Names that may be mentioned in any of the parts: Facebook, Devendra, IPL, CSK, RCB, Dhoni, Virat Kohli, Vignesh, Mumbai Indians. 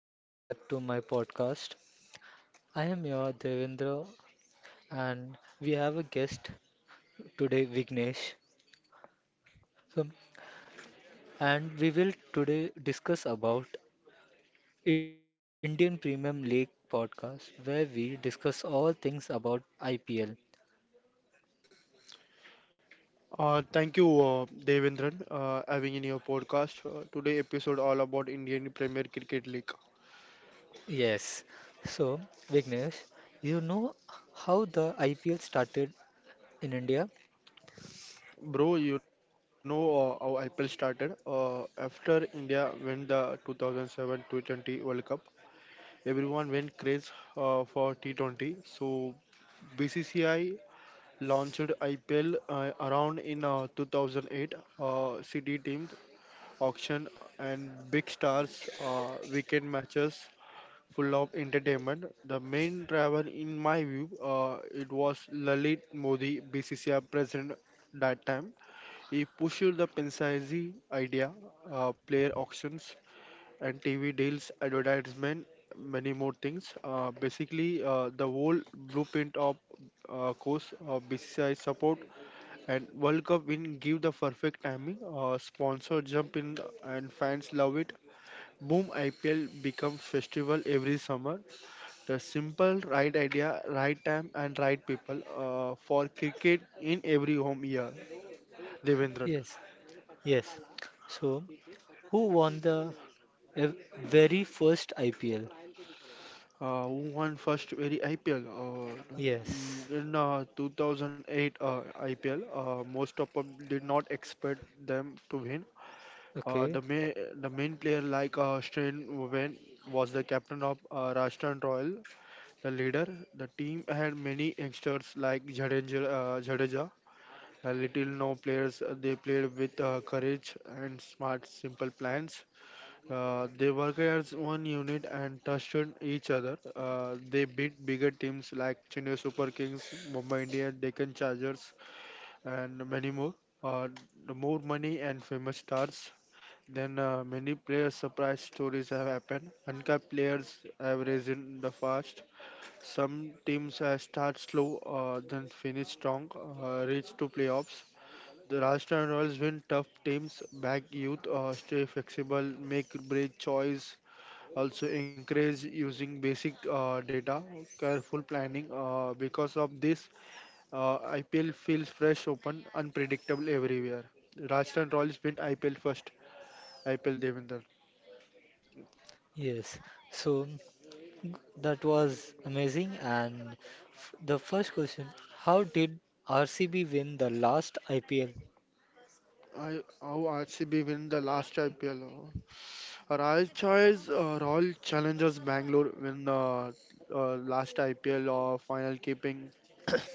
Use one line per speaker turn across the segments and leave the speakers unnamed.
Welcome back to my podcast. I am your Devendra and we have a guest today Vignesh. So, and we will today discuss about Indian Premium League podcast where we discuss all things about IPL.
Thank you, Devendran, having in your podcast. Today episode all about Indian Premier Cricket League.
Yes. So, Vignesh, you know how the IPL started in India?
Bro, you know how IPL started. After India won the 2007 T20 World Cup, everyone went crazy for T20. So BCCI launched IPL around in 2008. City teams, auction, and big stars, weekend matches full of entertainment. The main driver, in my view, it was Lalit Modi, BCCI president that time. He pushed the Pensaizi idea, player auctions and TV deals, advertisement, many more things. Basically, the whole blueprint of course, BCCI support and World Cup win give the perfect timing. Sponsor jump in and fans love it. Boom, IPL become festival every summer. The simple right idea, right time, and right people for cricket in every home year. Devendran,
Yes. Yes. So, who won the uh, very first IPL?
who won first very IPL
Yes.
in 2008 IPL. Most of them did not expect them to win. Uh,
Okay,
the main the main player like Strain Wen was the captain of Rajasthan Royal, the leader. The team had many youngsters like Jadeja. Little known players, they played with courage and smart, simple plans. They worked as one unit and trusted each other. They beat bigger teams like Chennai Super Kings, Mumbai Indians, Deccan Chargers, and many more. Uh, the more money and famous stars. Then many players' surprise stories have happened. Uncapped players have risen the fast. Some teams start slow, then finish strong, reach to playoffs, the Rajasthan Royals win tough teams, back youth, stay flexible, make break choice, also encourage using basic data, careful planning. Because of this, IPL feels fresh, open, unpredictable everywhere. Rajasthan Royals win IPL first. IPL Devinder.
yes. So g- that was amazing. And f the first question, how did RCB win the last IPL?
I, how RCB win the last IPL? Rajasthan's Royal Challengers Bangalore win the last IPL final, keeping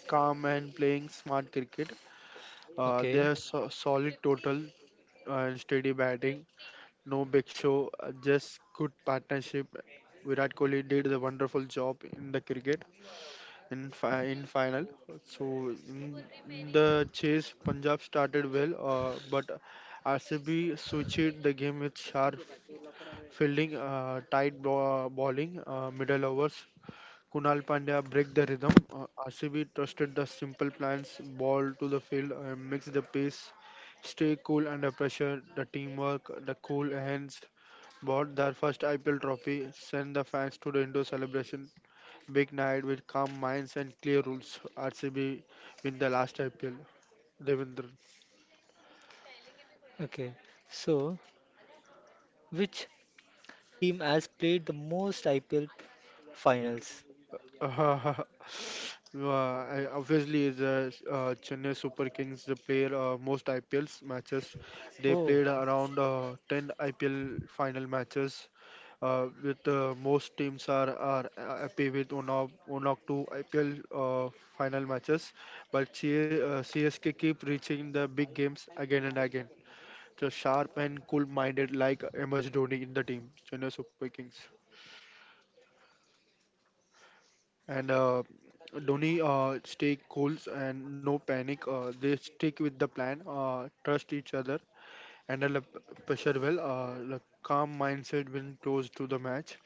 calm and playing smart cricket. They
Okay,
have solid total and steady batting. No big show, just good partnership. Virat Kohli did the wonderful job in the cricket in in final. So in the chase, Punjab started well, but RCB switched the game with sharp fielding, tight bowling, middle overs. Kunal Pandya break the rhythm. RCB trusted the simple plans, ball to the field, and mix the pace, stay cool under pressure, the teamwork, the cool hands. Bought their first IPL trophy, sent the fans to the indoor celebration. Big night with calm minds and clear rules. RCB win the last IPL. Devendra.
okay. So which team has played the most IPL finals?
Uh, I- Obviously, the Chennai Super Kings, they played most IPLs matches. They
Oh,
played around 10 IPL final matches. With most teams are happy with one or one or two IPL final matches, but CSK keep reaching the big games again and again. So sharp and cool-minded, like MS Dhoni in the team, Chennai Super Kings. And Dhoni stay cool and no panic. They stick with the plan, trust each other, handle the pressure well. The calm mindset when close to the match.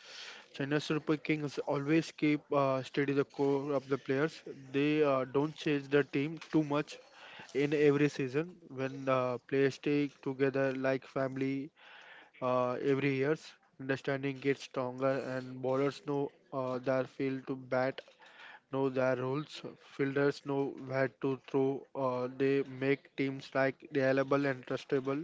Chennai Super Kings always keep steady the core of the players. They don't change the team too much in every season. When the players stay together like family, every years understanding gets stronger and bowlers know their field to bat, know their roles. Fielders know where to throw. They make teams like reliable and trustable.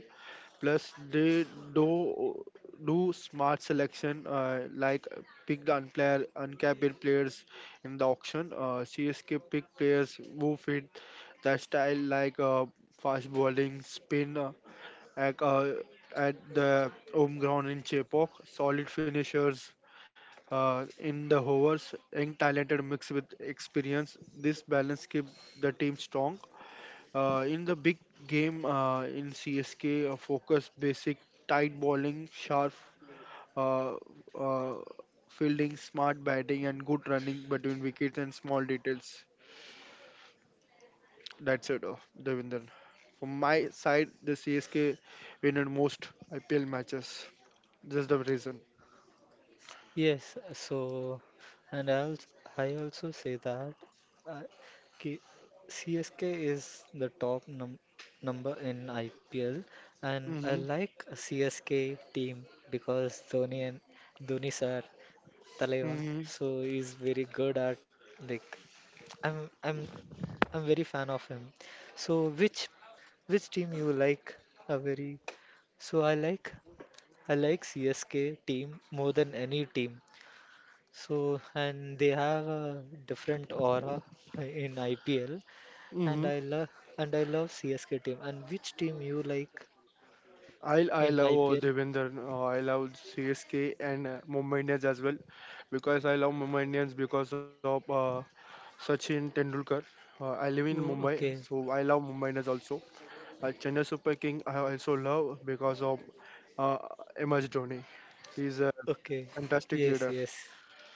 Plus, they do do smart selection like pick uncapped players in the auction. CSK pick players who fit their style like fast bowling, spin at, uh, at the home ground in Chepok, solid finishers in the hovers, young talented mixed with experience. This balance keeps the team strong. In the big game in CSK, focus basic tight bowling, sharp uh, uh, fielding, smart batting, and good running between wickets and small details. That's it, Devinder. From my side, the CSK win in most IPL matches. That's the reason.
yes, so and I also say that uh, K- CSK is the top number in IPL, and I
Hmm.
like CSK team because Dhoni sir Taleva, so he's very good at like I'm I'm I'm very fan of him. So which team you like? A very So I like CSK team more than any team so, and they have a different aura in IPL, and
Hmm.
I love CSK team. And which team you like
I
in
love,
IPL?
Devinder. I love CSK and Mumbai Indians as well, because I love Mumbai Indians because of Sachin Tendulkar. I live in Mumbai,
Oh, okay,
so I love Mumbai Indians also. Chennai Super King I also love because of uh, MS Dhoni. He's a
okay,
fantastic
yes,
leader.
yes,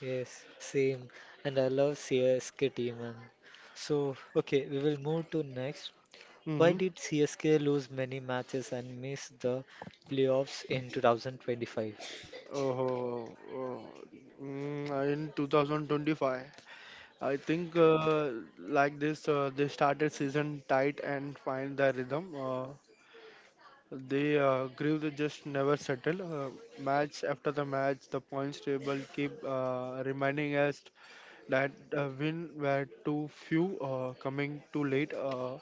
yes, same. And I love CSK team. And so, okay, we will move to next. Why
Mm-hmm.
did CSK lose many matches and miss the playoffs in 2025?
Oh, in 2025, I think like this, they started season tight and find the rhythm. They grieve, just never settle. Match after the match, the points table keep reminding us that win were too few, coming too late.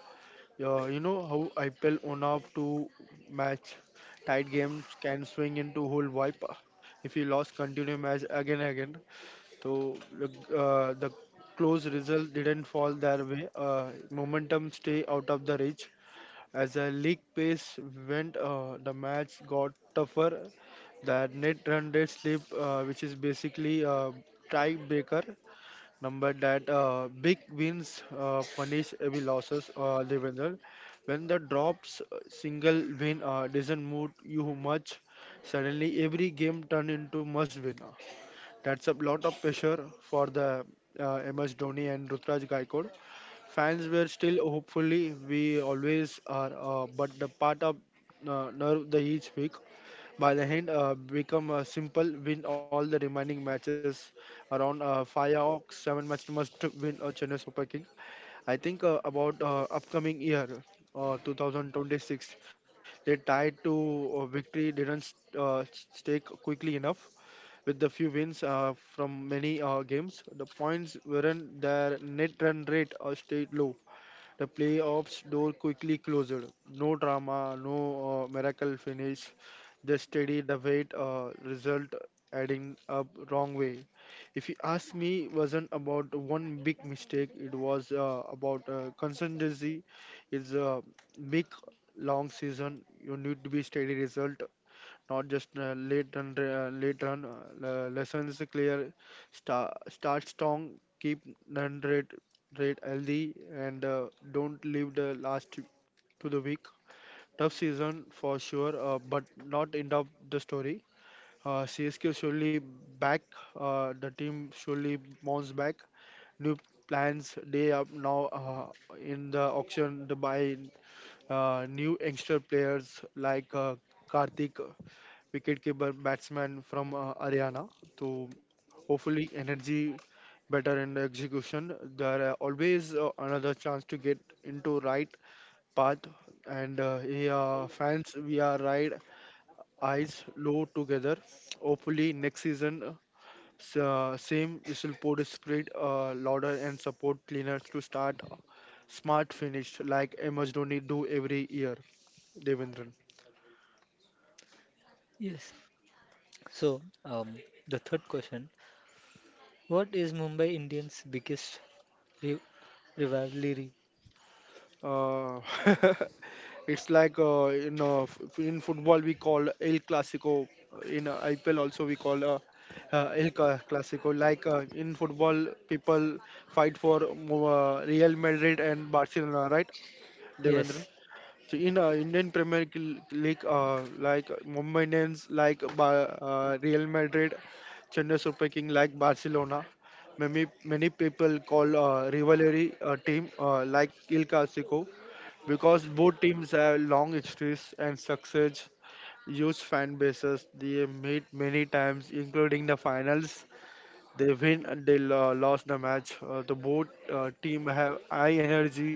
Yeah, you know how IPL one up to match, tight games can swing into whole wipe if you lost continue match again and again. So the close result didn't fall their way. Momentum stay out of the reach. As the league pace went, the match got tougher. That net run rate slip, which is basically a tiebreaker number, that big wins punish heavy losses they win. When the drops single win doesn't move you much, suddenly every game turn into must win. That's a lot of pressure for the MS Dhoni and Rutraj Gaikwad. Fans were still hopefully we always are, but the part of nerve the each week by the hand, become simple. Win all the remaining matches around five or seven match must win a Chennai Super King. I think about upcoming year. 2026, they tied to victory didn't stake quickly enough. With the few wins from many games, the points weren't their net run rate stayed low, the playoffs door quickly closed. No drama, no miracle finish. Just steady the weight result adding up wrong way. If you ask me, wasn't about one big mistake. It was about consistency. It's a big long season. You need to be steady result, not just late run lessons clear, start strong, keep run rate, rate healthy, and don't leave the last to the week. Tough season for sure, but not end of the story. CSK surely back. The team surely bounce back. New plans, they are now in the auction to buy new youngster players like Karthik, wicketkeeper batsman from Haryana. So hopefully energy better in the execution. There are always another chance to get into right path, and yeah, fans we are right eyes low together. Hopefully, next season, same whistle pod spread louder and support cleaners to start a smart finish like MS Dhoni do every year. Devendran.
Yes. So, the third question, what is Mumbai Indians' biggest ri rivalry?
Uh, it's like in in football we call El Clasico. In IPL also we call Clasico. Like in football, people fight for Real Madrid and Barcelona, right, Devendran?
Yes,
So in Indian Premier League, like Mumbai Indians, like Real Madrid, Chennai Super King, like Barcelona, many people call rivalry team like Il Clasico, because both teams have long histories and success, huge fan bases. They meet many times, including the finals. They win and they lost the match. The both team have high energy.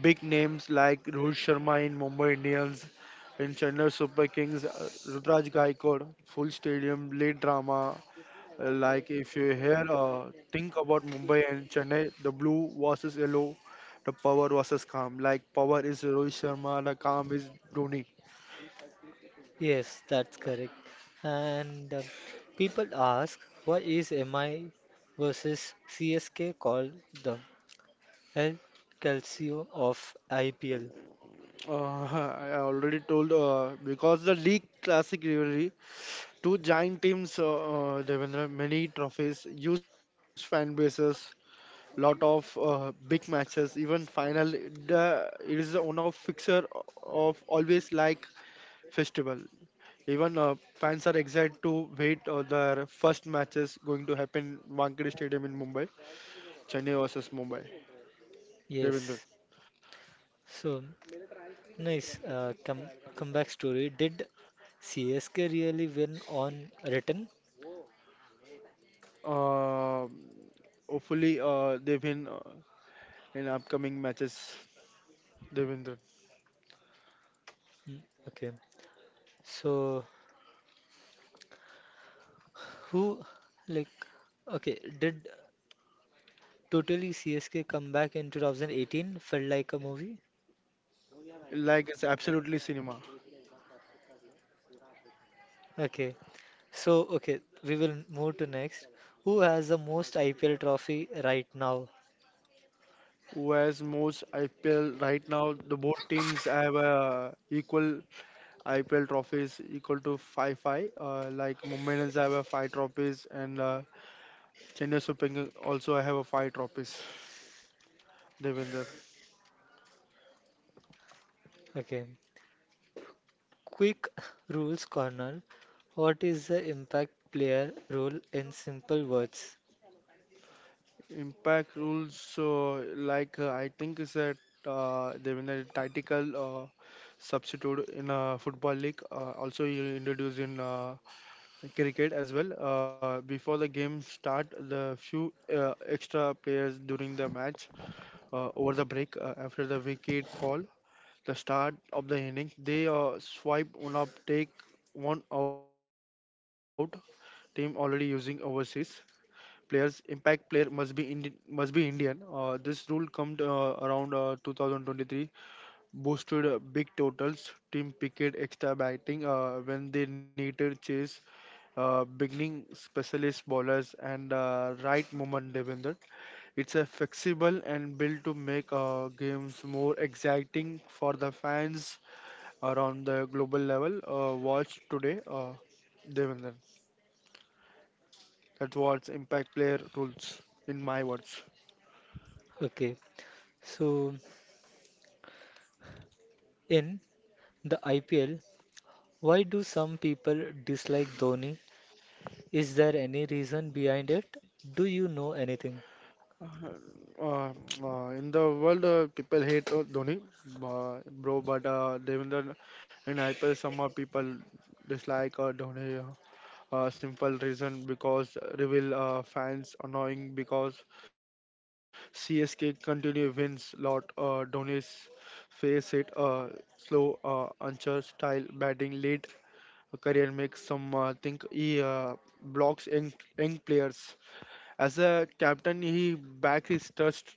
Big names like Rohit Sharma in Mumbai Indians, in Chennai Super Kings, Rudraj Gaikwad, full stadium, late drama. Like if you hear, think about Mumbai and Chennai, the blue versus yellow, the power versus calm. Like power is Rohit Sharma, the calm is Dhoni.
yes, that's correct. And people ask, why is MI versus CSK called the El Calcio of IPL?
I already told because the league classic rivalry, two giant teams, Devendra, many trophies, huge fan bases, lot of big matches even final, the, it is the owner of fixer of always like festival, even fans are excited to wait their first matches going to happen Wankhede stadium in Mumbai, Chennai versus Mumbai, Devendra.
Yes. So, nice comeback story. Did CSK really win on return?
uh, Hopefully they win in upcoming matches, Devendra.
Mm, okay. So, who, like, okay, did totally CSK come back in 2018? Felt like a movie?
Like it's absolutely cinema.
Okay, so, okay, we will move to next. Who has the most IPL trophy right now?
Whereas most IPL right now, the both teams have a equal IPL trophies equal to five five. Like Mumbai Indians have a five trophies and Chennai Super Kings also have a five trophies. Devinder.
Okay, quick rules corner. What is the impact player role in simple words?
Impact rules, so like I think is that Devendra tactical substitute in football league, also you introduce in cricket as well. Before the game start, the few extra players during the match over the break after the wicket fall, the start of the innings, they swipe one up, take one out. Team already using overseas players. Impact player must be Indian. This rule come around 2023, boosted big totals. Team picked extra batting when they needed chase. Beginning specialist bowlers and right movement defender. It's a flexible and built to make games more exciting for the fans or on the global level, watch today, Devinder. That's what's impact player rules, in my words.
Okay, so in the IPL, why do some people dislike Dhoni? Is there any reason behind it? Do you know anything?
Uh, in the world, people hate Dhoni, bro, but Devinder in IPL, some people dislike Dhoni. Simple reason, because Reveal fans annoying because CSK continue wins lot. Donis face it, slow anchor style batting lead career makes some think he blocks young, young players. As a captain, he back his trust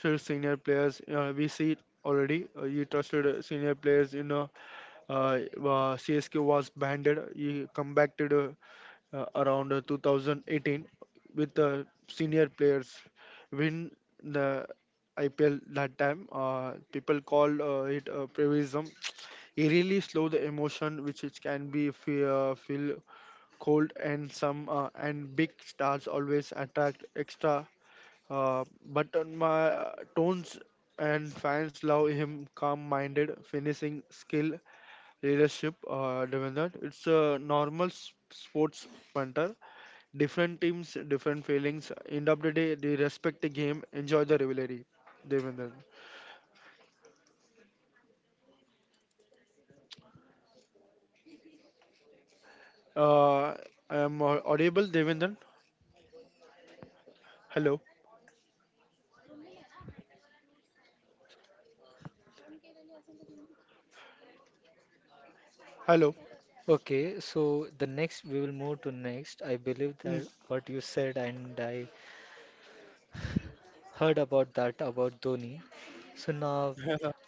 to senior players. We see it already. He trusted senior players. CSK was banded. He come back to the around 2018 with senior players win the IPL that time. People call it prevism. He really slow the emotion, which it can be feel cold, and some and big stars always attract extra. But on my tones and fans love him calm-minded, finishing skill, leadership. Devendra, it's a normal sports punter. Different teams, different feelings. End of the day, they respect the game, enjoy the rivalry. Devendran. Uh, I am audible, Devendran. Hello. Hello.
Okay, so the next we will move to next. I believe
Mm.
that what you said and I heard about that about Dhoni. So now,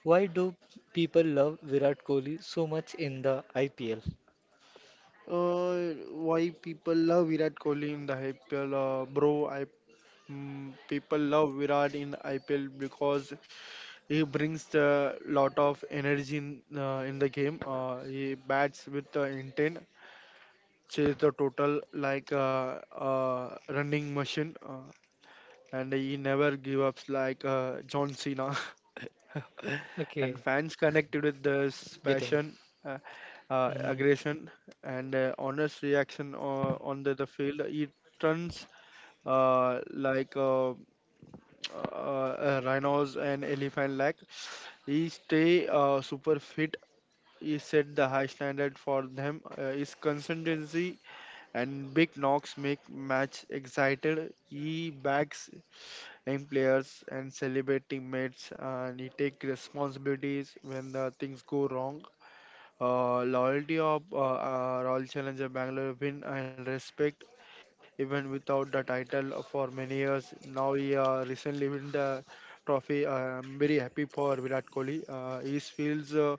why do people love Virat Kohli so much in the IPL?
Why people love Virat Kohli in the IPL? Bro, people love Virat in IPL because he brings the lot of energy in the game. He bats with the intent, chase the total like a running machine. And he never give up like John Cena. And
Okay,
fans connected with this
getting.
passion, uh,
Mhm.
aggression, and honest reaction on the field. He turns like rhinos and elephant like. He stay super fit. He set the high standard for them. His consistency and big knocks make match excited. He backs young players and celebrate teammates, and he take responsibilities when the things go wrong. Loyalty of Royal Challenger Bangalore win and respect even without the title for many years. Now he recently win the trophy. I'm very happy for Virat Kohli. He feels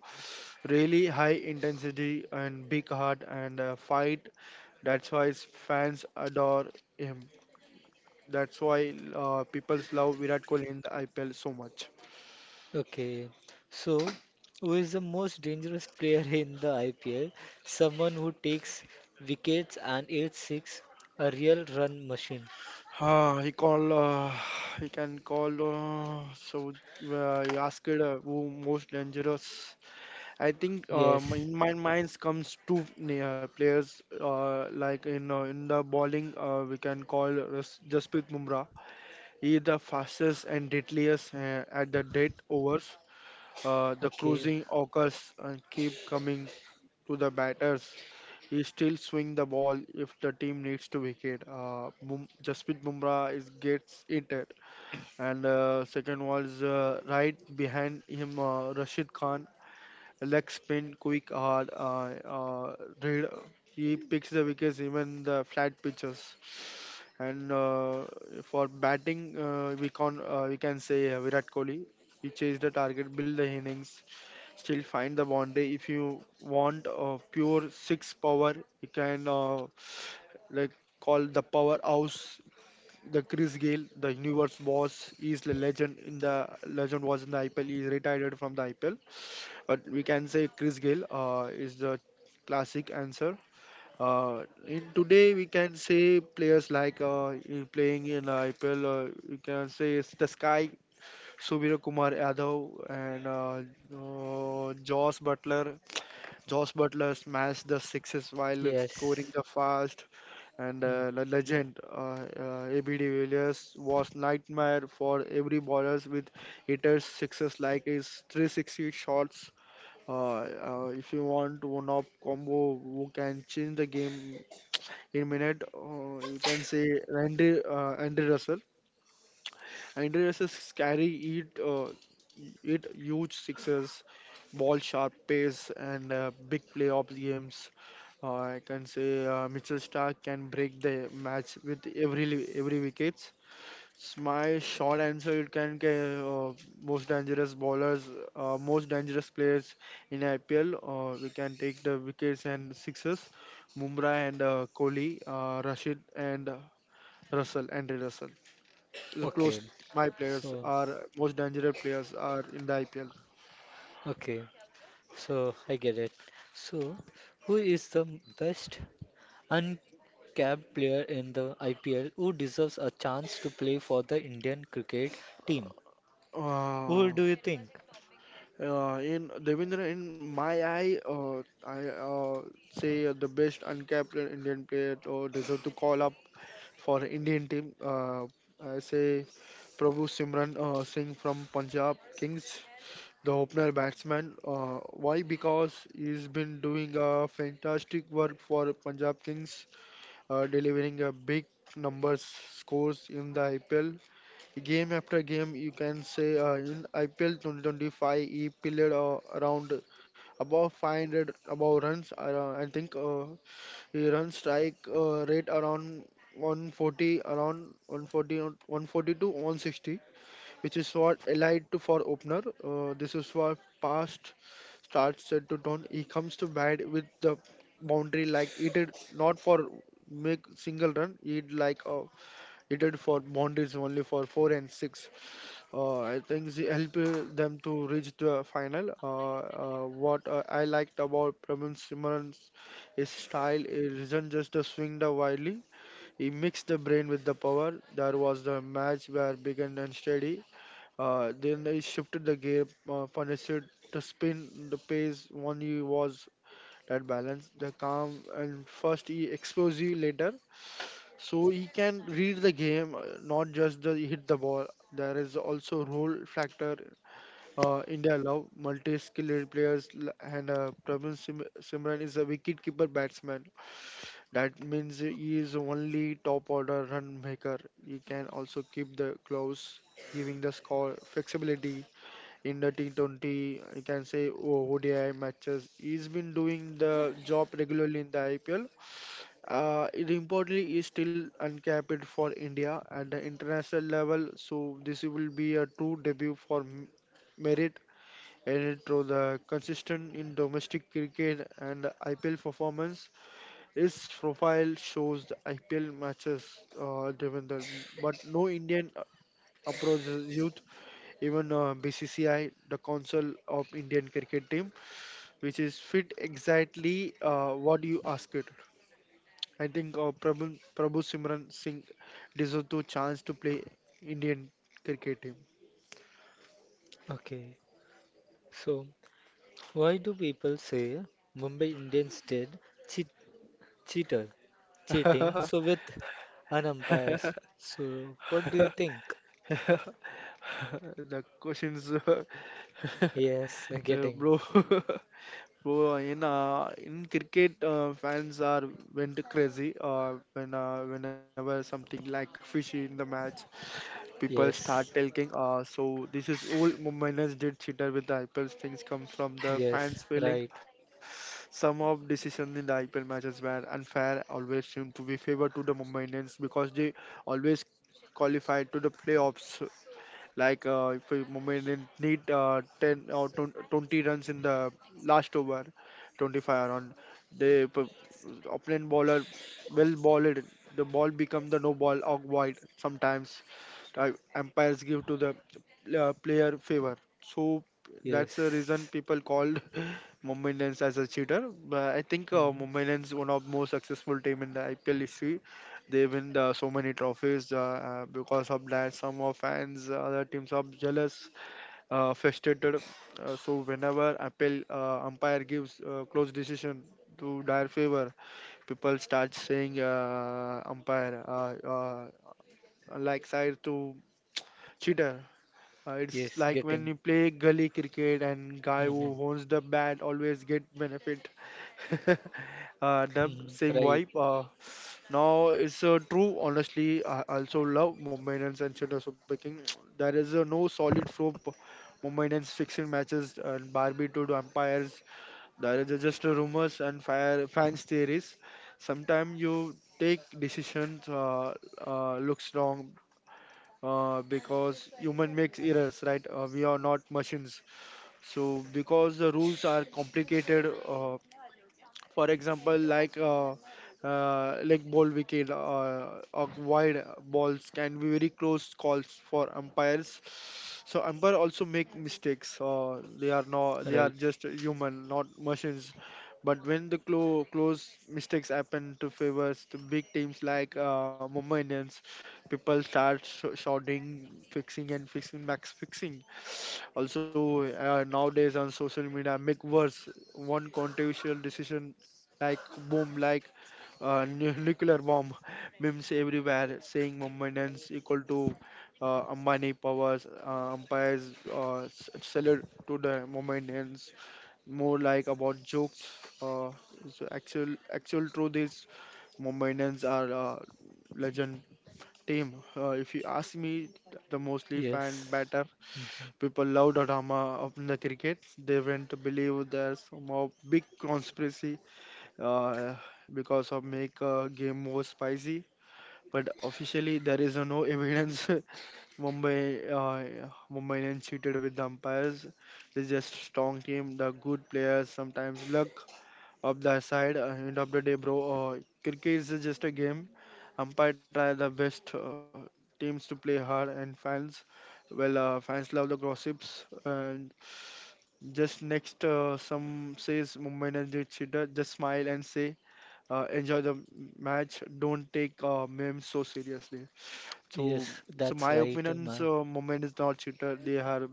really high intensity and big heart and fight. That's why his fans adore him. That's why people love Virat Kohli in the IPL so much.
Okay, so who is the most dangerous player in the IPL? Someone who takes wickets and eats six, a real run machine.
Uh, he call uh, he can call so He asked who most dangerous. I think
Yes.
in my minds comes two players like in the bowling, we can call Jasprit Bumrah. He is the fastest and deadliest at the dead overs. The
Okay.
cruising occurs and keep coming to the batters. He still swing the ball if the team needs to wicket. Jasprit Bumrah is gets it, and second was right behind him, Rashid Khan. Legs spin quick hard. Read, he picks the wickets even the flat pitches. And for batting, we can say Virat Kohli. He chase the target, build the innings, still find the boundary. If you want pure six power, you can like call the powerhouse, the Chris Gale, the universe boss. He's the legend in the legend was in the IPL. He's retired from the IPL, but we can say Chris Gayle is the classic answer. In today, we can say players like in playing in IPL, you can say it's the Sky, Subir Kumar Yadav, and Josh Butler. Josh Butler smashed the sixes while scoring
Yes.
the fast, and
Mm.
the legend, AB de Villiers, was nightmare for every bowlers with hitters sixes like his 360 shots. uh, if you want one-up combo who can change the game in minute, you can say Andy Russell. Andy Russell's carry it, uh, it huge sixes, ball sharp pace, and big playoff games. I can say Mitchell Stark can break the match with every wickets. My short answer it can get most dangerous bowlers, most dangerous players in IPL. We can take the wickets and sixes, Mumra and Kohli, Rashid, and Andre Russell. The close,
Okay,
my players
so
are most dangerous players are in the IPL.
okay, so I get it. So, who is the best uncapped player in the IPL who deserves a chance to play for the Indian cricket team?
Uh,
Who do you think?
in Devendra, in my eye, I say the best uncapped Indian player to deserve to call up for Indian team. I say Prabhu Simran Singh from Punjab Kings, the opener batsman. Why? Because he's been doing a fantastic work for Punjab Kings, delivering a big numbers scores in the IPL game after game. You can say in IPL 2025 he played around about 500 about runs. I think he run strike rate around 140 around 140 140 to 160, which is what allied to for opener. This is for past starts set to turn. He comes to bat with the boundary like he did not for make single run. He did for boundaries only for four and six. I think he helped them to reach the final. What I liked about Pravin Simran's, his style, it isn't just a swing the wildly. He mixed the brain with the power. There was the match where began unsteady. Then he shifted the gear, punished the spin, the pace. One he was that balance, the calm, and first he explosive later. So he can read the game, not just the hit the ball. There is also role factor in their love. Multi-skilled players, and Simran is a wicket-keeper batsman. That means he is only top order run maker. He can also keep the close, giving the score flexibility in the T20. You can say oh, ODI matches. He's been doing the job regularly in the IPL. It importantly is still uncapped for India at the international level. So this will be a true debut for Merit, and through the consistent in domestic cricket and IPL performance, his profile shows the IPL matches driven there, but no Indian approaches youth. Even BCCI, the Council of Indian Cricket Team, which is fit exactly what you ask it. I think Prabhu Simran Singh deserves to chance to play Indian cricket team.
Okay, so why do people say Mumbai Indians did cheat cheater cheating? So with an umpire. So what do you think?
The questions,
Yes, getting.
bro. Bro, in cricket, fans are went crazy. Whenever something like fishy in the match, people start
Yes.
talking. So this is all Mumbai did cheater with the IPL things come from the
Yes,
fans feeling.
right.
Some of decisions in the IPL matches were unfair. Always seem to be favored to the Mumbai Indians because they always qualified to the playoffs. Like if we moment need 10 or 20 runs in the last over, 25 around, the opponent bowler will ball it. The ball become the no ball or wide sometimes. Umpires give to the player favor. So that's the reason
Yes.
people called Mumbai Indians as a cheater. But I think
Mhm.
Mumbai Indians one of most successful team in the IPL history. They win so many trophies because of that. Some of fans, other teams are jealous, frustrated. So whenever appeal umpire gives close decision to their favor, people start saying umpire like side to cheater. It's
Yes,
like when
getting.
you play gully cricket and guy
Mhm.
who owns the bat always get benefit. The
Mhm.
same
Right,
vibe. Now it's true. Honestly, I also love Mumbai Indians and Chennai Super Kings. There is no solid flow. Mumbai Indians fixing matches and Barbie to the umpires. There is just rumors and fire fans theories. Sometimes you take decisions looks wrong because human makes errors, right? We are not machines. So because the rules are complicated. For example, like ball wicket, or wide balls can be very close calls for umpires, so umpire also make mistakes, they are
right.
just human, not machines, but when the close mistakes happen to favors the big teams like Mumbai Indians, people start shouting, fixing and fixing, max fixing. Also nowadays on social media, make worse. One controversial decision, like boom, like nuclear bomb, memes everywhere saying maintenance equal to Ambani powers, umpires salute to the maintenance. More like about jokes. So actual truth is Mumbai are a legend team. If you ask me, the mostly fan
Yes.
batter
Mhm.
people love the drama of the cricket. They went to believe there's some of big conspiracy uh, because of make game more spicy. But officially, there is no evidence Mumbai Mumbai Indians cheated with the umpires. It's just strong team, the good players, sometimes luck of their side. End of the day, bro, cricket is just a game. Umpire try the best teams to play hard, and fans, well, fans love the gossips. And just next, some says Mumbai Indians did cheated. Just smile and say enjoy the match. Don't take memes so seriously. So,
Yes,
so my
that's right,
opinions,
ma.
moment is not cheater. They are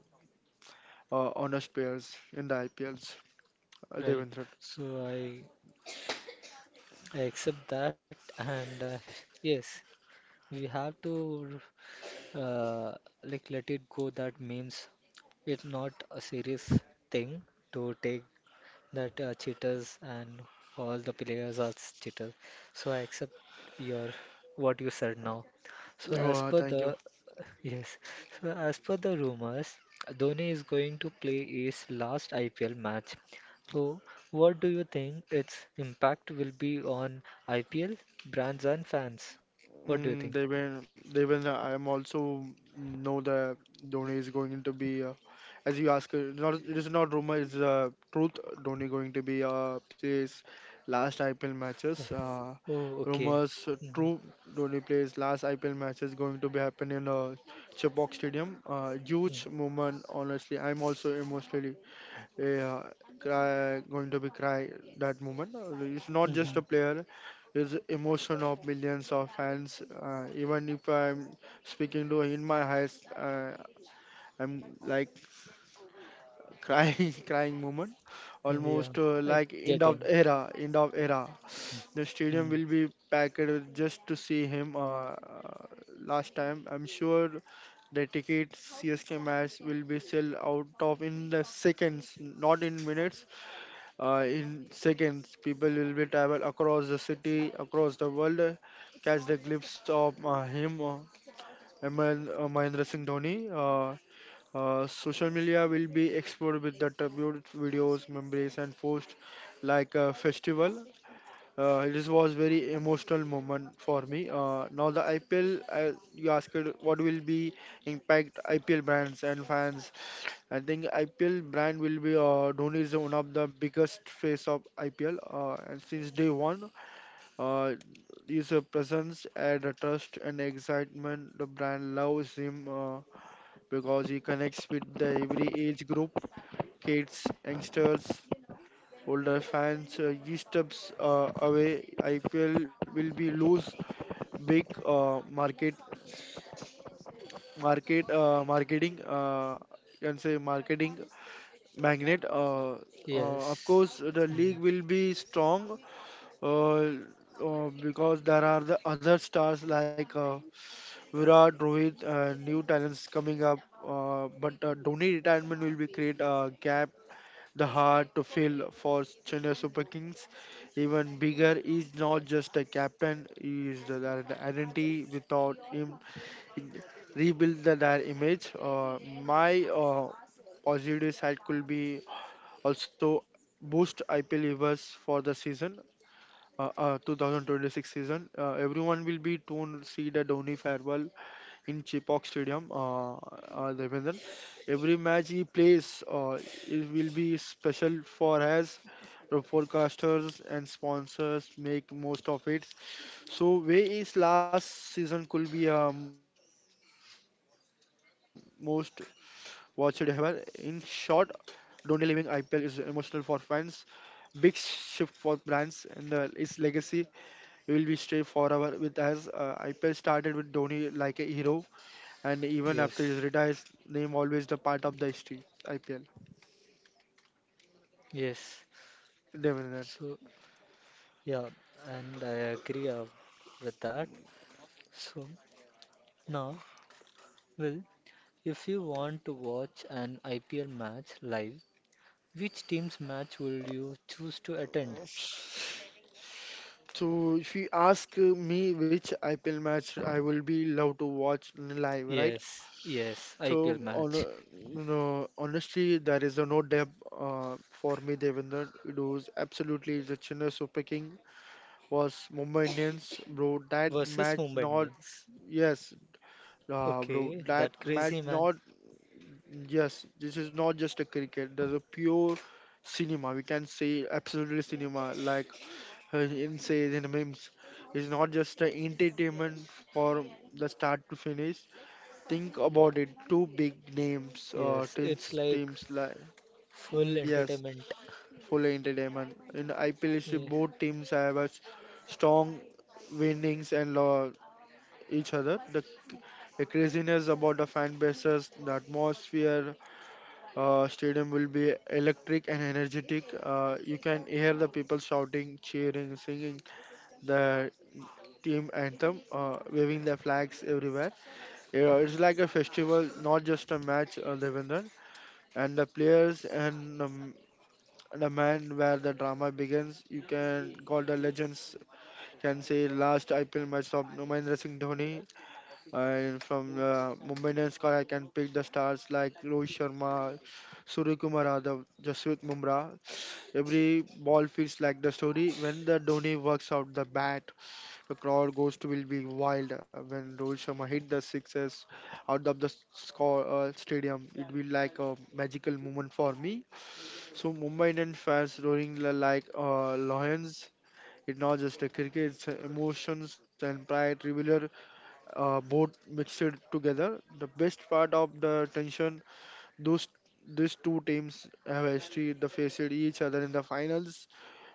honest players in the IPLs.
Right.
Devendra.
So I accept that and yes, we have to uh, like let it go that memes it's not a serious thing to take that cheaters and all the players are cheaters. So I accept your what you said now. So as per
Oh, thank
the
you.
yes, so as per the rumors, Dhoni is going to play his last IPL match. So what do you think its impact will be on IPL brands and fans? What do you think?
Mm, Deven, I am also know that Dhoni is going to be, as you ask, not it is not rumor, it's truth. Dhoni going to be plays last IPL matches.
Yeah. Oh, okay.
Rumors
Mm-hmm.
true. Dhoni plays last IPL matches going to be happen in Chepauk Stadium. Huge moment, honestly. I'm also emotionally, yeah, cry, going to be cry that moment. It's not
Mm-hmm.
just a player, it's emotion of millions of fans. Even if I'm speaking to in my highest, I'm like crying, crying moment,
Yeah, yeah.
almost
I
like end
getting.
of era, end of era. The
Mm-hmm.
stadium will be packed just to see him. Last time, I'm sure the ticket CSK match will be sell out of in the seconds, not in minutes. In seconds, people will be travel across the city, across the world, catch the glimpse of him, Mahendra Singh Dhoni. Social media will be explored with the tribute videos, memories, and posts like a festival. This was very emotional moment for me. Now the IPL, you asked what will be impact IPL brands and fans. I think IPL brand will be, Dhoni is one of the biggest face of IPL, and since day one, uh, his presence and the trust and excitement the brand loves him because he connects with the every age group, kids, youngsters, older fans. He steps away. IPL will be lose big market marketing. Can say marketing Magnet, of
Yes.
course, the
Mm.
league will be strong because there are the other stars like Virat, Rohit, new talents coming up. But Dhoni retirement will be create a gap, the hard to fill for Chennai Super Kings. Even bigger, is not just a captain; he is the, their identity. Without him, in- rebuild the, their image. My positive side could be also, boost IPL viewers for the season, 2026 season. Everyone will be tuned to see the Dhoni farewell in Chipak Stadium, Devendran. Every match he plays, it will be special for us. The forecasters and sponsors make most of it. So, way his last season could be, most watched ever. In short, Dhoni leaving IPL is emotional for fans, big shift for brands, and its legacy will be stay forever with us. IPL started with Dhoni like a hero, and even after his retire,
Yes.
his name always the part of the history. IPL,
Yes.
definitely.
So, yeah, and I agree with that. So, now, well, if you want to watch an IPL match live, which team's match will you choose to attend?
So if you ask me which IPL match I will be love to watch live, right?
Yes, yes,
So
IPL
on,
match
no, honestly, there is a no depth for me. Devendra, it was absolutely the Chennai Super King was Mumbai Indians, bro. That
versus
match
Mumbai
not,
Indians.
yes, bro.
Okay,
That
that
match
crazy man.
not, yes. This is not just a cricket. There's a pure cinema. We can say absolutely cinema. Like, in say in the memes, it's not just a entertainment from the start to finish. Think about it. Two big names,
Yes, it's
teams,
like
teams like,
full
mm, yes,
entertainment.
full entertainment. In IPL,
Yes,
both teams have a strong winnings and lo each other. The craziness about the fan bases, the atmosphere, stadium will be electric and energetic. You can hear the people shouting, cheering, singing the team anthem, waving their flags everywhere. Yeah, it's like a festival, not just a match, Devendran. And the players and, the man where the drama begins, you can call the legends, can say last IPL match of Mahendra Singh Dhoni. And from the Mumbai Indians squad, I can pick the stars like Rohit Sharma, Surya Kumar Yadav, Jasprit Bumrah. Every ball feels like the story. When the Dhoni works out the bat, the crowd goes to will be wild. When Rohit Sharma hit the sixes out of the score stadium, it will like a magical moment for me. So Mumbai Indians fans roaring like lions. It's not just a cricket, it's emotions and pride revealer both mixed together. The best part of the tension, those these two teams have history. They faced each other in the finals.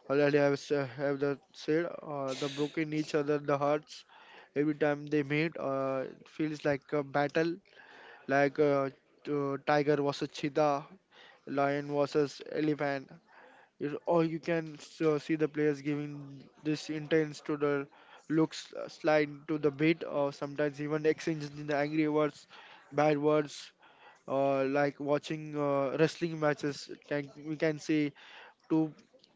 Already I have, have the said they broke in each other the hearts every time they meet. It feels like a battle, like, tiger versus cheetah, lion versus elephant. You- Or you can so see the players giving this intense to the looks slide to the bit, or sometimes even exchanging the angry words, bad words, like watching wrestling matches. Can, we can see two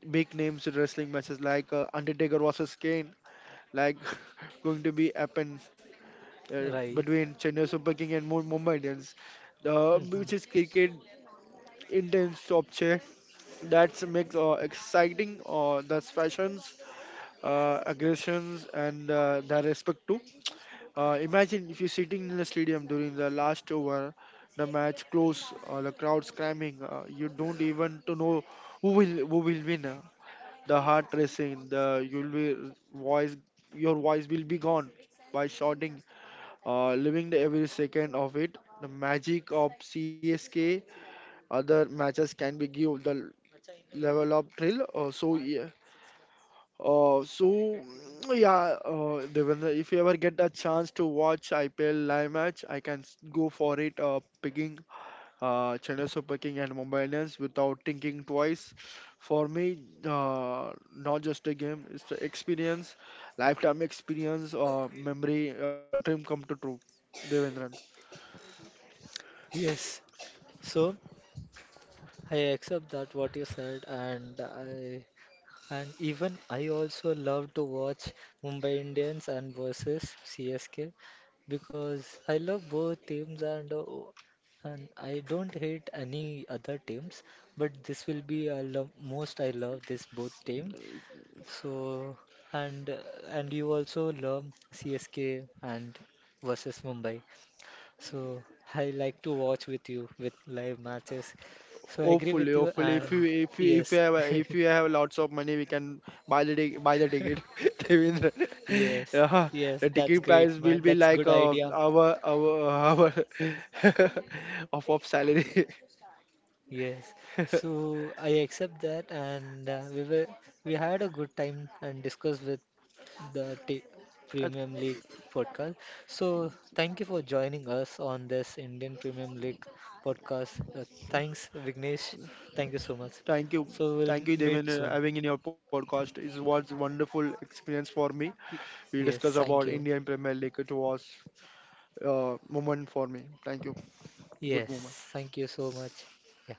big names in wrestling matches like Undertaker versus Kane, like going to be happen
right.
between Chennai Super King and Mumbai Indians, the,
Hmm.
which is cricket intense object that's makes exciting the fashions, aggressions, and the respect too. Imagine if you're sitting in the stadium during the last over, the match close, the crowd screaming. You don't even to know who will win. The heart racing. The you'll be voice your voice will be gone by shouting, living the every second of it. The magic of CSK. Other matches can be give the level up thrill. Uh, so mm, yeah, Devendra, if you ever get a chance to watch IPL live match, I can go for it. Picking Chennai Super King and Mumbai Indians without thinking twice. For me, not just a game; it's the experience, lifetime experience, memory, dream come to true. Devendran.
Yes. So, I accept that what you said, and I and even I also love to watch Mumbai Indians and versus CSK because I love both teams and and I don't hate any other teams, but this will be I love most I love this both team. So and and you also love CSK and versus Mumbai. So I like to watch with you with live matches. So I agree
Hopefully,
with you
hopefully,
and
if you if you
yes.
if you have lots of money, we can buy the ticket, Devendra.
Yes.
Yeah,
Yes,
the
that's
ticket
great,
price
man.
will be
That's
like
good idea.
our off of salary.
Yes. So I accept that and we had a good time and discussed with the t
Uh,
Premium League podcast. So thank you for joining us on this Indian Premium League podcast. Thanks, Vignesh. Thank you so much.
Thank you,
So we'll
thank you,
meet
Devin,
soon.
having in your podcast. It was wonderful experience for me.
Y-
We
Yes,
discuss about
thank you.
Indian Premier League. It was a, moment for me. Thank you.
Yes,
Good
thank
moment.
you so much. Yeah.